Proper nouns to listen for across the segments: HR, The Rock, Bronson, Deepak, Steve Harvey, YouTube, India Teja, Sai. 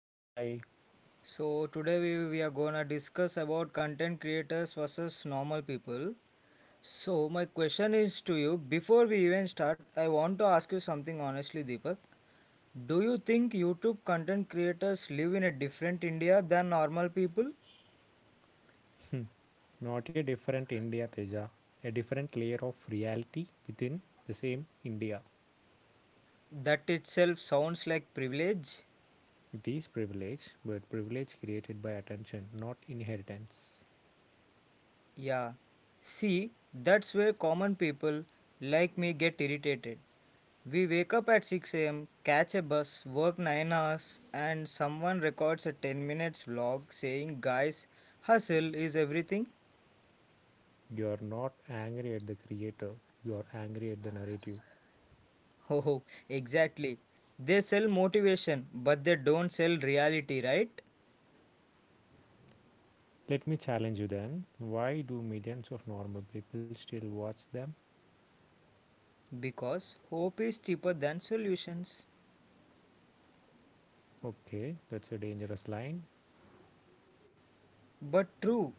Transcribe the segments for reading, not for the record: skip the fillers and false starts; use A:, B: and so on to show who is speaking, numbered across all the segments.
A: Hi Sai,
B: So today we are gonna discuss about content creators versus normal people. So my question is to you before we even start, I want to ask you something honestly, Deepak. Do you think YouTube content creators live in a different India than normal people?
A: not a different India Teja, a different layer of reality within the same India.
B: That itself sounds like privilege.
A: It is privilege, but privilege created by attention, not inheritance.
B: Yeah. See, that's where common people like me get irritated. We wake up at 6 a.m., catch a bus, work 9 hours, and someone records a 10 minutes vlog saying, Guys, hustle is everything.
A: You are not angry at the creator, you are angry at the narrative.
B: Oh, exactly. They sell motivation, but they don't sell reality, right?
A: Let me challenge you then. Why do millions of normal people still watch them?
B: Because hope is cheaper than solutions.
A: Okay, that's a dangerous line.
B: But true,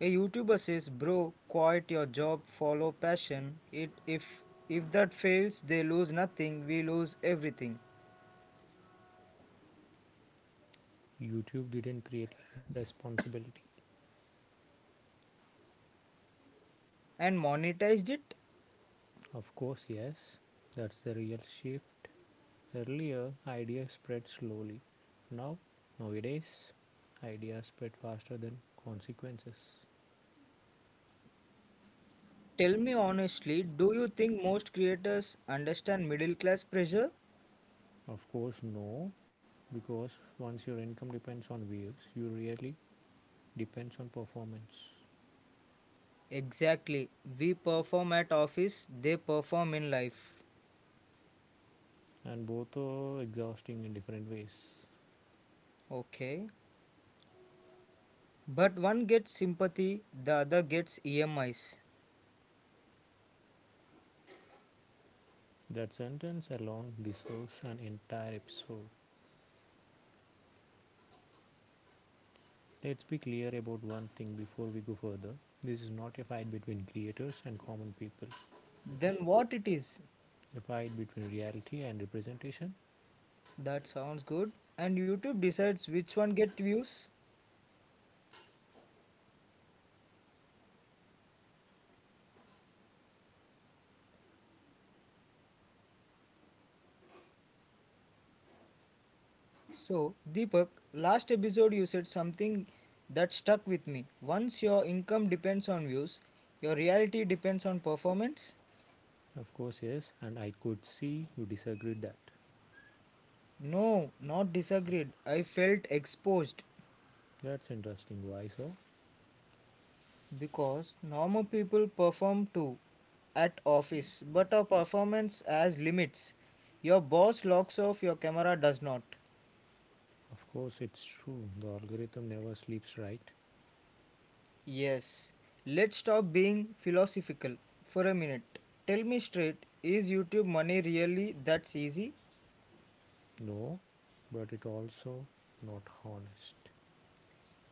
B: a YouTuber says, Bro, quit your job, follow passion. It, If that fails, they lose nothing, we lose everything.
A: YouTube didn't create irresponsibility.
B: And monetized it?
A: Of course, yes, that's the real shift. Earlier, ideas spread slowly. Now, nowadays, ideas spread faster than consequences.
B: Tell me honestly, do you think most creators understand middle class pressure?
A: Of course, no, because once your income depends on views, you really depends on performance,
B: Exactly. We perform at office, they perform in life.
A: and both are exhausting in different ways.
B: Okay. But one gets sympathy, the other gets EMIs.
A: That sentence alone deserves an entire episode. Let's be clear about one thing before we go further. This is not a fight between creators and common people,
B: Then what it is?
A: a fight between reality and representation.
B: That sounds good. And YouTube decides which one get views. So, Deepak, last episode you said something that stuck with me. Once your income depends on views, your reality depends on performance.
A: Of course, yes, and I could see you disagreed that.
B: No, not disagreed. I felt exposed
A: That's interesting. Why so?
B: because normal people perform too at office, but our performance has limits. Your boss locks off, your camera does not.
A: Of course, it's true. The algorithm never sleeps, right?
B: Yes. Let's stop being philosophical for a minute. Tell me straight, is YouTube money really that's easy?
A: No, but it also not honest.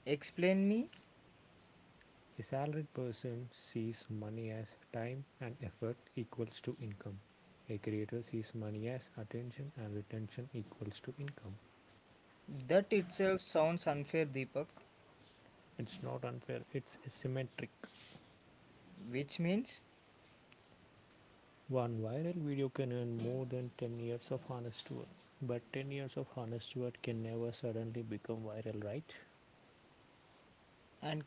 B: Explain me.
A: A salaried person sees money as time and effort equals to income. A creator sees money as attention and retention equals to income.
B: That itself sounds unfair, Deepak.
A: It's not unfair, it's asymmetric.
B: Which means,
A: One viral video can earn more than 10 years of honest work. But 10 years of honest work can never suddenly become viral, right?
B: and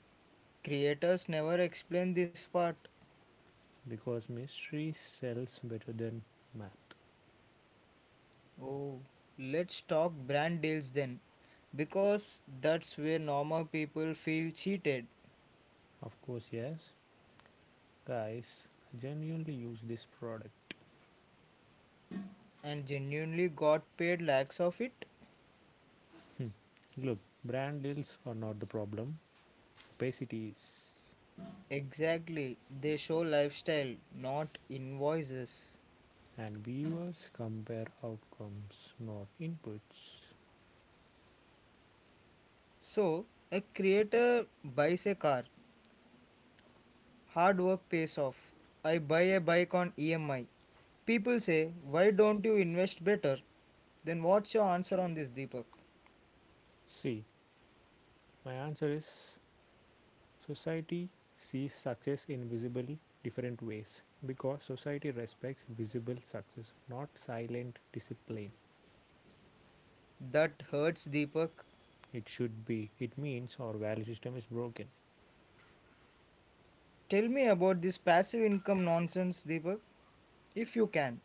B: creators never explain this part.
A: Because mystery sells better than math.
B: Oh, let's talk brand deals then, because that's where normal people feel cheated
A: Of course, yes. Guys, I genuinely use this product.
B: and genuinely got paid lakhs of it.
A: Look, brand deals are not the problem, opacity is.
B: Exactly, they show lifestyle, not invoices.
A: And viewers compare outcomes, not inputs.
B: So, a creator buys a car, hard work pays off. I buy a bike on EMI. People say, Why don't you invest better? Then, what's your answer on this, Deepak?
A: See, my answer is: society sees success in visible different ways because society respects visible success, not silent discipline.
B: That hurts, Deepak.
A: It should be. It means our value system is broken.
B: Tell me about this passive income nonsense, Deepak, if you can.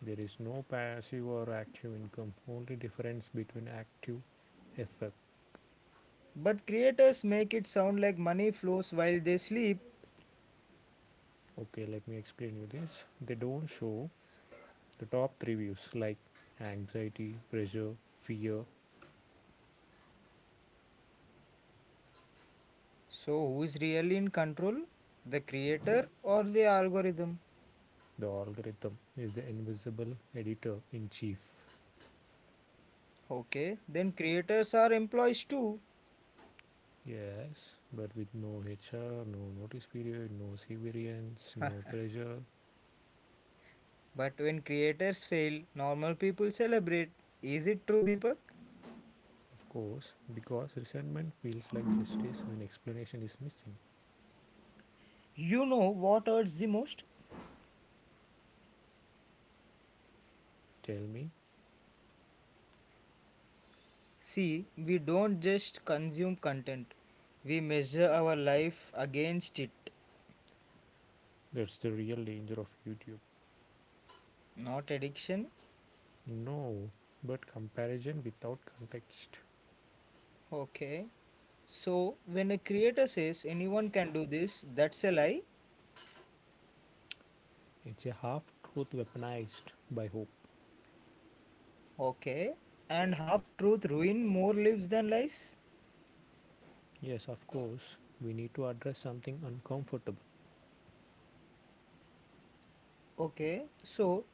A: There is no passive or active income, only difference between active effect.
B: But creators make it sound like money flows while they sleep.
A: Okay, let me explain you this. They don't show the top three views like anxiety, pressure, fear.
B: So, who is really in control? The creator or the algorithm?
A: The algorithm is the invisible editor in chief.
B: Okay, then creators are employees too.
A: Yes, but with no HR, no notice period, no severance, no pressure,
B: But when creators fail, normal people celebrate. Is it true, Deepak?
A: of course, because resentment feels like justice when explanation is missing.
B: You know what hurts the most?
A: Tell me,
B: See, we don't just consume content, we measure our life against it,
A: that's the real danger of YouTube.
B: not addiction.
A: No, but comparison without context.
B: Okay. So when a creator says anyone can do this, that's a lie.
A: It's a half truth weaponized by hope.
B: Okay. And half truth ruin more lives than lies.
A: Yes, of course, we need to address something uncomfortable.
B: Okay. So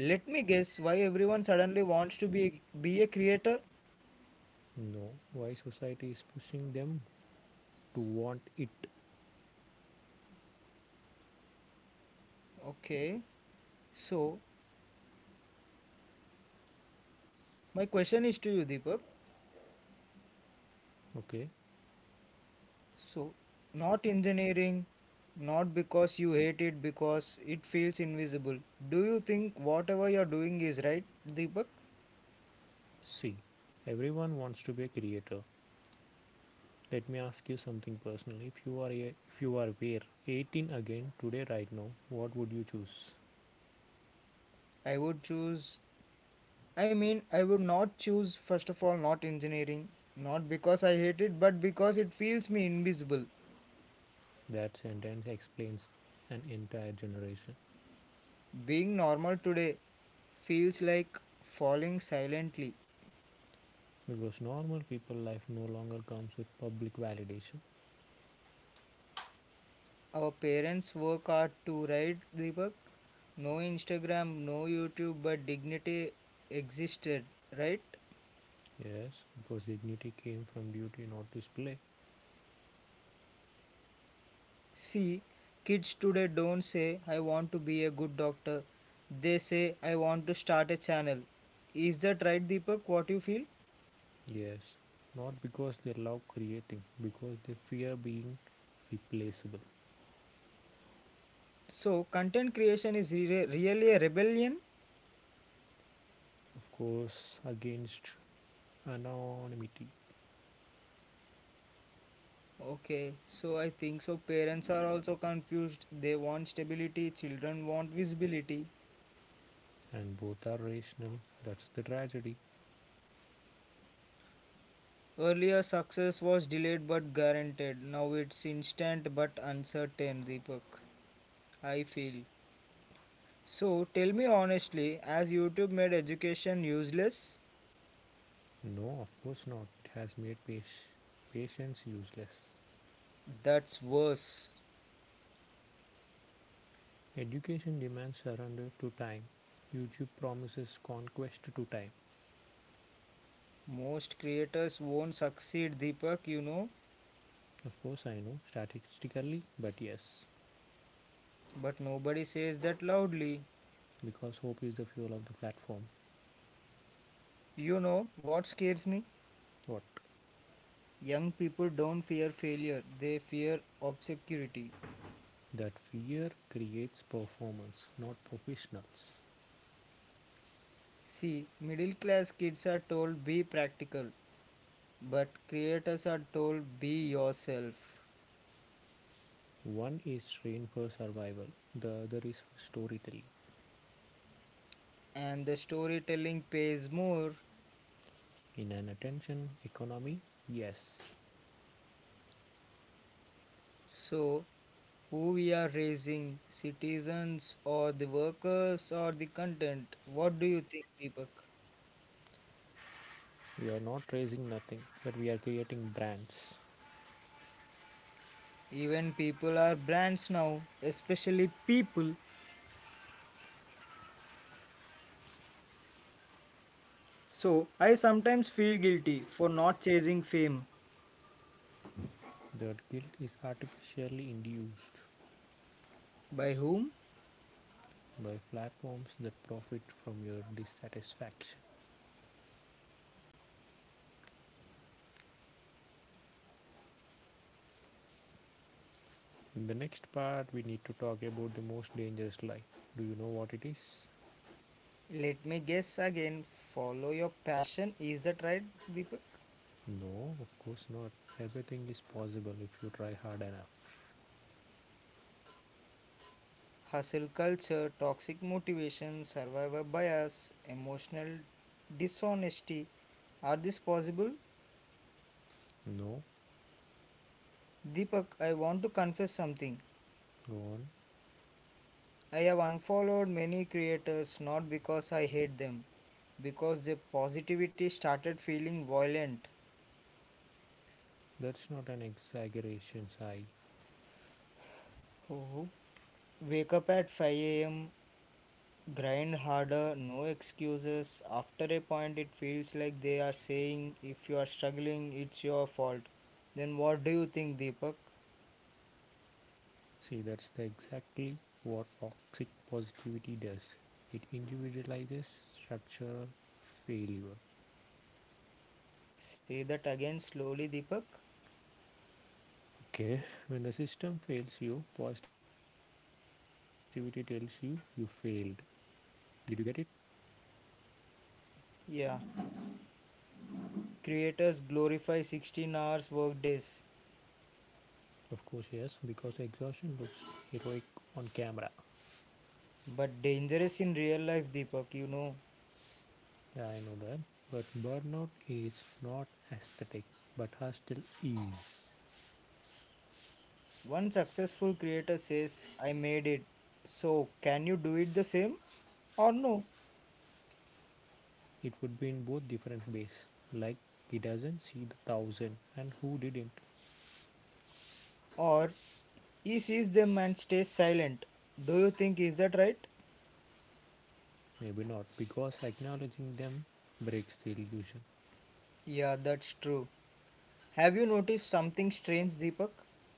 B: let me guess why everyone suddenly wants to be a creator.
A: No, why society is pushing them to want it,
B: Okay. So my question is to you, Deepak.
A: okay?
B: So not engineering, not because you hate it, because it feels invisible. Do you think whatever you're doing is right, Deepak?
A: See, everyone wants to be a creator. Let me ask you something personal. If you are a, if you are were 18 again today right now, what would you choose?
B: I would choose, I mean, I would not choose, first of all, not engineering. Not because I hate it, but because it feels me invisible.
A: That sentence explains an entire generation
B: Being normal today feels like falling silently.
A: because normal people life no longer comes with public validation.
B: Our parents work hard to write Deepak. No Instagram, no YouTube, but dignity existed, right?
A: Yes, because dignity came from duty not display.
B: See, kids today don't say, I want to be a good doctor. They say, I want to start a channel. Is that right, Deepak? What you feel?
A: Yes, not because they love creating, because they fear being replaceable.
B: So content creation is really a rebellion?
A: Of course, against anonymity
B: Okay, so I think so. Parents are also confused. They want stability, children want visibility.
A: and both are rational. That's the tragedy.
B: Earlier success was delayed but guaranteed. Now it's instant but uncertain, Deepak. I feel. So tell me honestly, as YouTube made education useless,
A: No, of course not. It has made patience useless.
B: that's worse.
A: Education demands surrender to time. YouTube promises conquest to time.
B: Most creators won't succeed, Deepak, you know,
A: Of course, I know statistically, but yes,
B: but nobody says that loudly.
A: because hope is the fuel of the platform.
B: You know what scares me?
A: What?
B: Young people don't fear failure, they fear obscurity.
A: That fear creates performance, not professionals.
B: See, middle class kids are told be practical, but creators are told be yourself.
A: One is trained for survival, the other is for storytelling.
B: And the storytelling pays more.
A: In an attention economy, yes,
B: So, who we are raising, citizens or the workers or the content? What do you think, Deepak?
A: we are not raising nothing, but we are creating brands.
B: Even people are brands now, especially people. So, I sometimes feel guilty for not chasing fame.
A: That guilt is artificially induced
B: By whom?
A: by platforms that profit from your dissatisfaction. In the next part, we need to talk about the most dangerous lie. Do you know what it is?
B: Let me guess again. Follow your passion. Is that right, Deepak?
A: No, of course not. Everything is possible if you try hard enough.
B: Hustle culture, toxic motivation, survivor bias, emotional dishonesty. Are this possible?
A: No,
B: Deepak, I want to confess something.
A: go on.
B: I have unfollowed many creators not because I hate them, because their positivity started feeling violent.
A: That's not an exaggeration, Sai.
B: Oh. Wake up at 5 a.m., Grind harder, no excuses. After a point, it feels like they are saying, if you are struggling, it's your fault. Then what do you think, Deepak?
A: See, that's the exactly what toxic positivity does. It individualizes structural failure.
B: Say that again slowly, Deepak.
A: Okay, when the system fails you, positivity tells you you failed. Did you get it?
B: Yeah. Creators glorify 16 hours workdays,
A: Of course, yes, because exhaustion looks heroic on camera.
B: but dangerous in real life, Deepak, you know.
A: Yeah, I know that. But burnout is not aesthetic, but hostile is.
B: One successful creator says, I made it. So, can you do it the same or no?
A: It would be in both different ways. Like he doesn't see the thousand, and who didn't?
B: Or he sees them and stays silent. Do you think is that right?
A: Maybe not, because acknowledging them breaks the illusion.
B: Yeah, that's true. Have you noticed something strange, Deepak?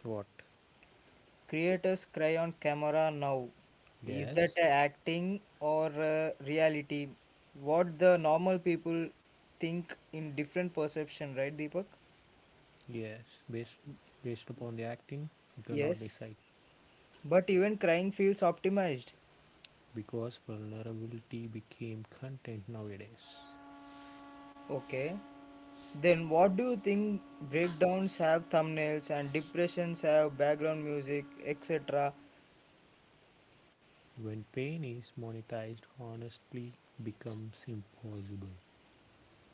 A: What?
B: Creators cry on camera now. Is that a
A: Yes,
B: acting or a reality? What the normal people think in different perception, right, Deepak?
A: yes. Based based upon the acting, you cannot
B: Yes,
A: decide.
B: but even crying feels optimized.
A: Because vulnerability became content nowadays.
B: Okay. Then what do you think breakdowns have thumbnails and depressions have background music, etc.?
A: When pain is monetized, honestly becomes impossible.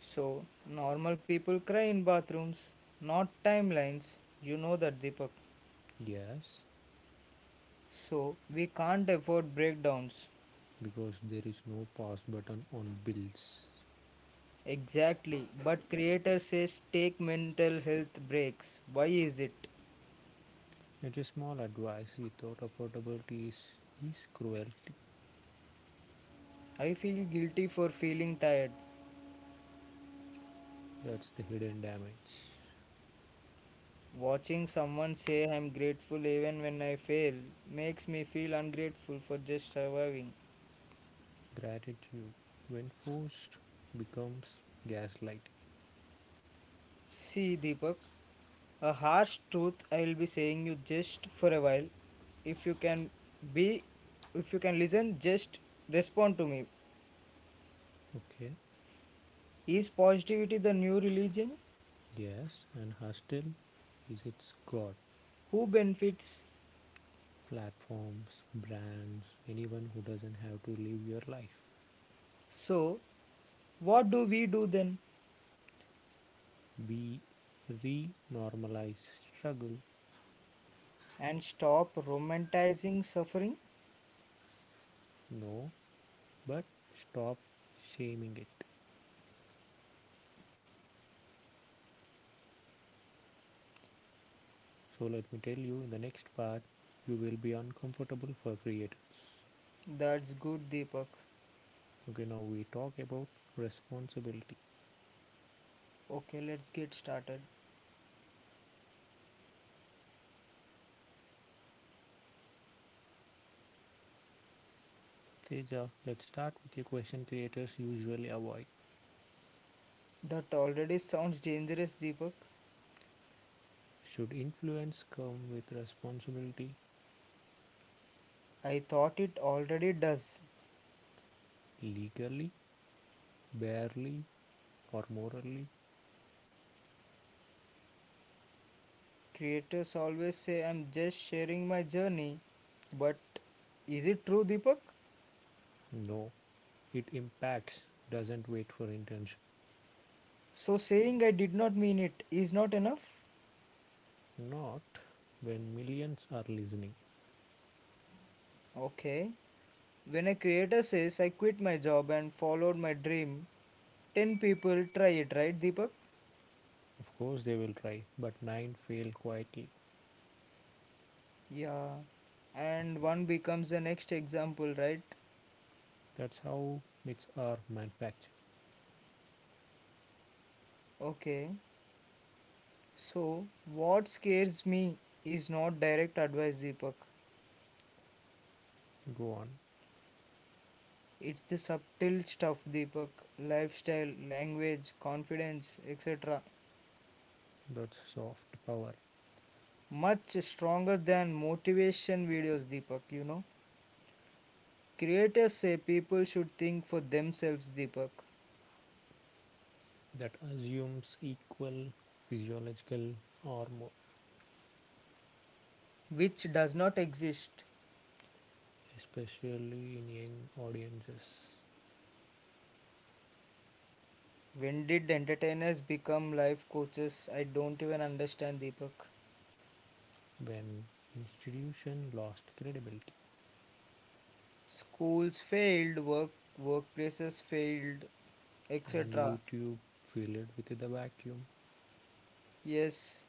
B: So, normal people cry in bathrooms, not timelines. You know that, Deepak.
A: Yes,
B: So, we can't afford breakdowns.
A: because there is no pause button on bills.
B: Exactly. But creator says take mental health breaks. Why is it?
A: It's a small advice without affordability is cruelty.
B: I feel guilty for feeling tired.
A: That's the hidden damage.
B: Watching someone say I'm grateful even when I fail makes me feel ungrateful for just surviving.
A: Gratitude, when forced, becomes gaslighting.
B: See, Deepak, a harsh truth I will be saying you just for a while. If you can be, if you can listen, just respond to me.
A: Okay,
B: Is positivity the new religion?
A: yes, and hostile is its god.
B: Who benefits?
A: Platforms, brands, anyone who doesn't have to live your life.
B: So, what do we do then?
A: We re normalize struggle,
B: And stop romanticizing suffering?
A: no, but stop shaming it. So, let me tell you in the next part, you will be uncomfortable for creators.
B: That's good, Deepak.
A: Okay, now we talk about responsibility.
B: Okay, let's get started.
A: Teja, let's start with a question creators usually avoid.
B: That already sounds dangerous, Deepak.
A: Should influence come with responsibility
B: I thought it already does.
A: legally, barely, or morally?
B: Creators always say I'm just sharing my journey, but is it true, Deepak?
A: No, it impacts, doesn't wait for intention.
B: So saying I did not mean it is not enough?
A: Not when millions are listening.
B: Okay. When a creator says I quit my job and followed my dream, 10 people try it, right, Deepak?
A: Of course, they will try, but nine fail quietly.
B: Yeah. And one becomes the next example, right?
A: That's how myths are manufactured.
B: Okay. So, what scares me is not direct advice, Deepak.
A: Go on.
B: It's the subtle stuff, Deepak, lifestyle, language, confidence, etc.
A: That's soft power
B: Much stronger than motivation videos, Deepak. You know, creators say people should think for themselves, Deepak,
A: that assumes equal physiological armor,
B: which does not exist.
A: especially in young audiences
B: When did entertainers become life coaches? I don't even understand, Deepak.
A: when institution lost credibility
B: Schools failed, workplaces failed,
A: and
B: etc.
A: YouTube filled with a vacuum.
B: Yes.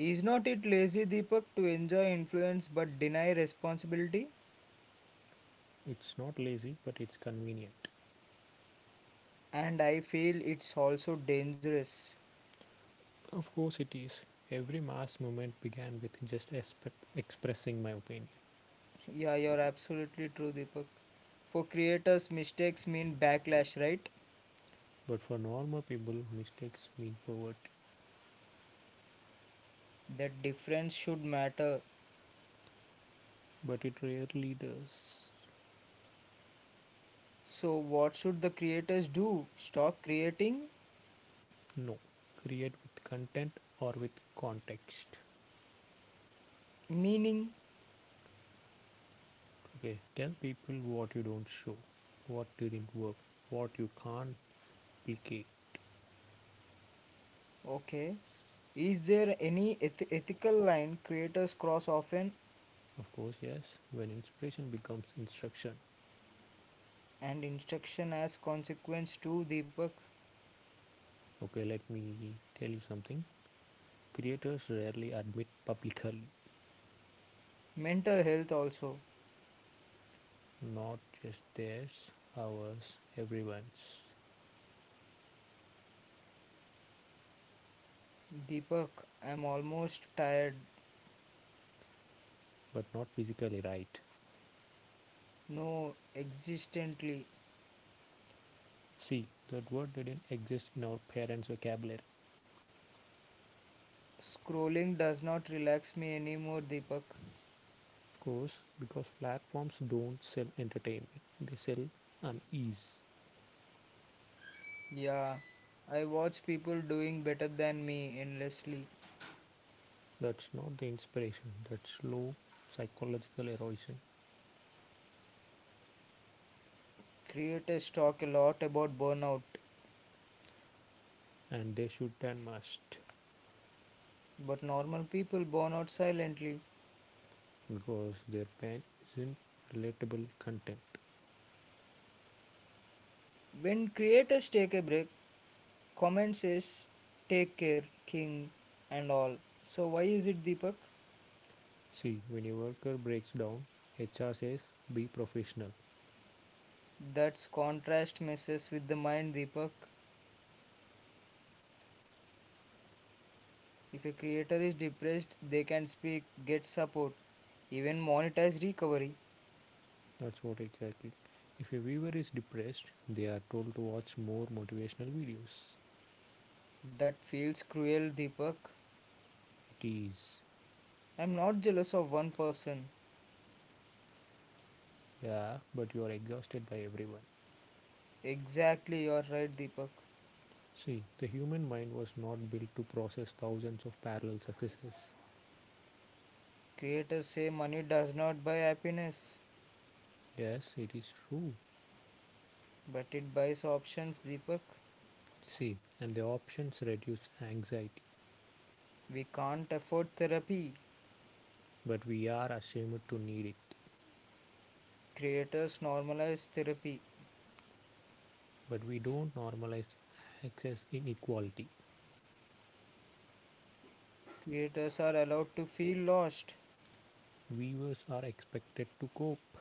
B: Is not it lazy, Deepak, to enjoy influence but deny responsibility?
A: It's not lazy, but it's convenient.
B: And I feel it's also dangerous.
A: Of course, it is. Every mass movement began with just expressing my opinion.
B: Yeah, you're absolutely true, Deepak. For creators, mistakes mean backlash, right?
A: But for normal people, mistakes mean poverty.
B: That difference should matter.
A: But it rarely does.
B: So, what should the creators do? Stop creating?
A: No. Create with content or with context.
B: Meaning,
A: Okay. Tell people what you don't show, what didn't work, what you can't replicate.
B: okay. Is there any ethical line creators cross often?
A: Of course, yes. When inspiration becomes instruction.
B: And instruction as consequence too, Deepak.
A: Okay, let me tell you something. Creators rarely admit publicly
B: Mental health also.
A: not just theirs, ours, everyone's,
B: Deepak, I'm almost tired.
A: but not physically right.
B: No, existently.
A: See, that word didn't exist in our parents' vocabulary.
B: Scrolling does not relax me anymore, Deepak.
A: Of course, because platforms don't sell entertainment, they sell unease.
B: Yeah, I watch people doing better than me endlessly.
A: That's not the inspiration, that's slow psychological erosion,
B: Creators talk a lot about burnout,
A: and they should and must,
B: but normal people burn out silently.
A: because their pain isn't relatable content.
B: When creators take a break, comment says, take care, king, and all. So why is it, Deepak?
A: See, when a worker breaks down, HR says be professional.
B: That's contrast messes with the mind, Deepak. If a creator is depressed, they can speak, get support, even monetize recovery.
A: That's what exactly. If a viewer is depressed, they are told to watch more motivational videos.
B: That feels cruel, Deepak.
A: It is.
B: I'm not jealous of one person.
A: Yeah, but you are exhausted by everyone.
B: Exactly, you're right, Deepak.
A: See, the human mind was not built to process thousands of parallel successes.
B: Creators say money does not buy happiness,
A: Yes, it is true.
B: but it buys options, Deepak.
A: See, and the options reduce anxiety,
B: We can't afford therapy.
A: but we are ashamed to need it.
B: Creators normalize therapy.
A: But we don't normalize access inequality.
B: Creators are allowed to feel lost.
A: Viewers are expected to cope.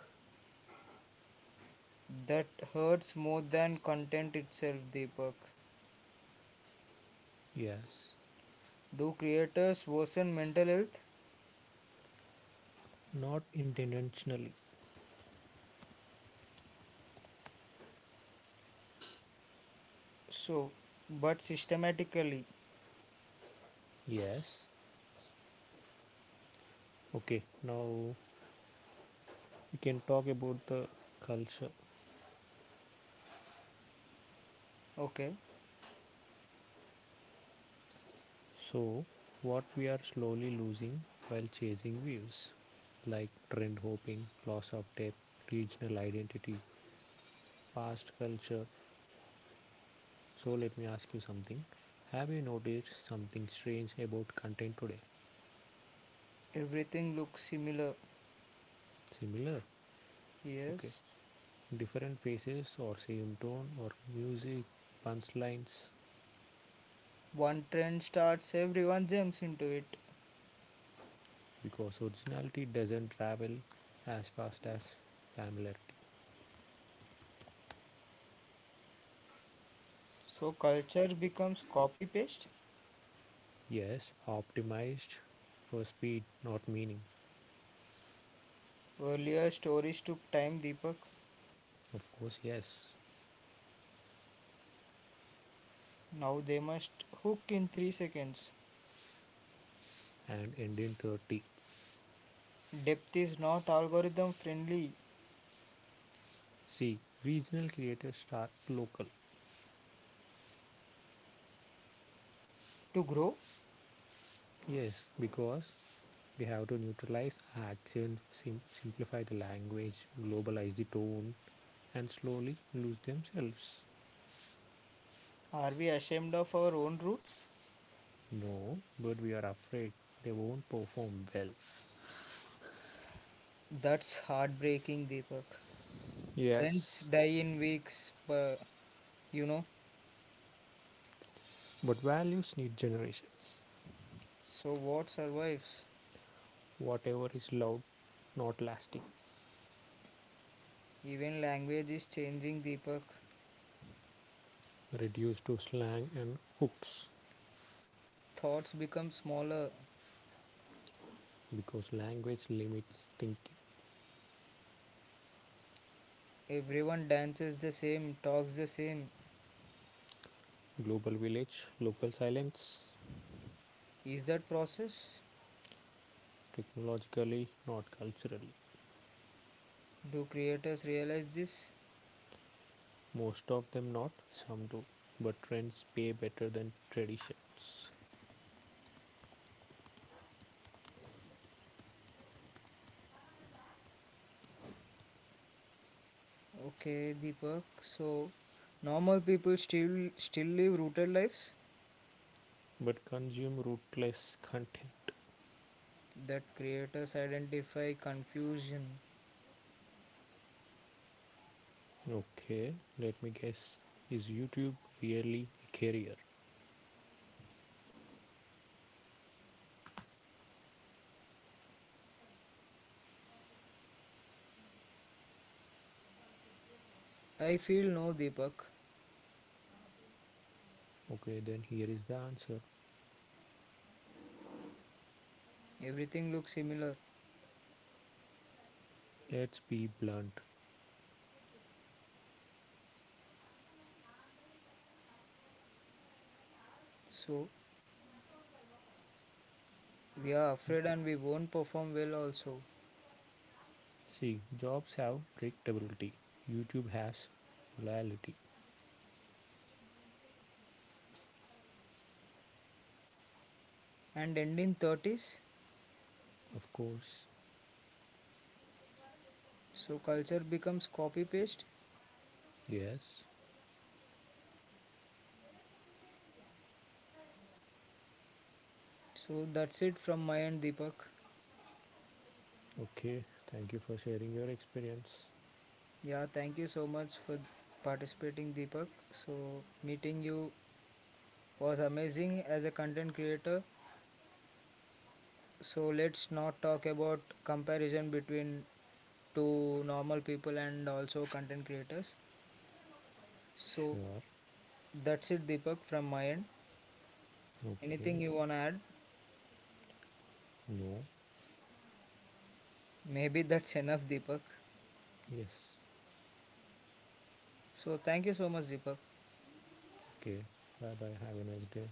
B: That hurts more than content itself, Deepak.
A: Yes,
B: Do creators worsen mental health?
A: not intentionally.
B: So, but systematically,
A: Yes, okay, now we can talk about the culture.
B: okay,
A: So, what we are slowly losing while chasing views, like trend hopping, loss of depth, regional identity, past culture. So, let me ask you something. Have you noticed something strange about content today?
B: everything looks similar,
A: Similar? Okay.
B: yes.
A: Different faces, or same tone, or music, punchlines,
B: One trend starts, everyone jumps into it.
A: because originality doesn't travel as fast as familiarity.
B: So culture becomes copy paste.
A: Yes, optimized for speed, not meaning.
B: Earlier stories took time, Deepak.
A: Of course, yes.
B: Now they must hook in 3 seconds.
A: And end in 30.
B: Depth is not algorithm friendly.
A: See, regional creators start local.
B: To grow,
A: Yes, because we have to neutralize accents, simplify the language, globalize the tone, and slowly lose themselves.
B: are we ashamed of our own roots?
A: No, but we are afraid they won't perform well.
B: That's heartbreaking, Deepak. Trends
A: Yes,
B: die in weeks, but you know,
A: but values need generations.
B: so what survives?
A: Whatever is loud, not lasting,
B: Even language is changing, Deepak.
A: reduced to slang and hooks.
B: Thoughts become smaller.
A: Because language limits thinking.
B: Everyone dances the same, talks the same.
A: Global village, local silence,
B: Is that process?
A: technologically, not culturally.
B: Do creators realize this?
A: Most of them not, some do. But trends pay better than traditions.
B: Okay, Deepak. So, normal people still live rooted lives
A: But consume rootless content.
B: that creators identify confusion.
A: Okay, let me guess. Is YouTube really a career?
B: I feel no, Deepak.
A: Okay, then here is the answer.
B: Everything looks similar.
A: Let's be blunt.
B: So, we are afraid and we won't perform well also.
A: See, jobs have predictability. YouTube has volatility.
B: And end in 30s.
A: Of course,
B: So, culture becomes copy paste.
A: yes,
B: So, that's it from my end, Deepak.
A: okay, thank you for sharing your experience.
B: Yeah, thank you so much for participating, Deepak. So, meeting you was amazing as a content creator. So, let's not talk about comparison between two normal people and also content creators. So,
A: Sure.
B: that's it, Deepak, from my end. Anything
A: Okay.
B: you want to add?
A: No.
B: Maybe that's enough, Deepak.
A: Yes.
B: So, thank you so much, Deepak.
A: Okay. Bye bye. Have a nice day.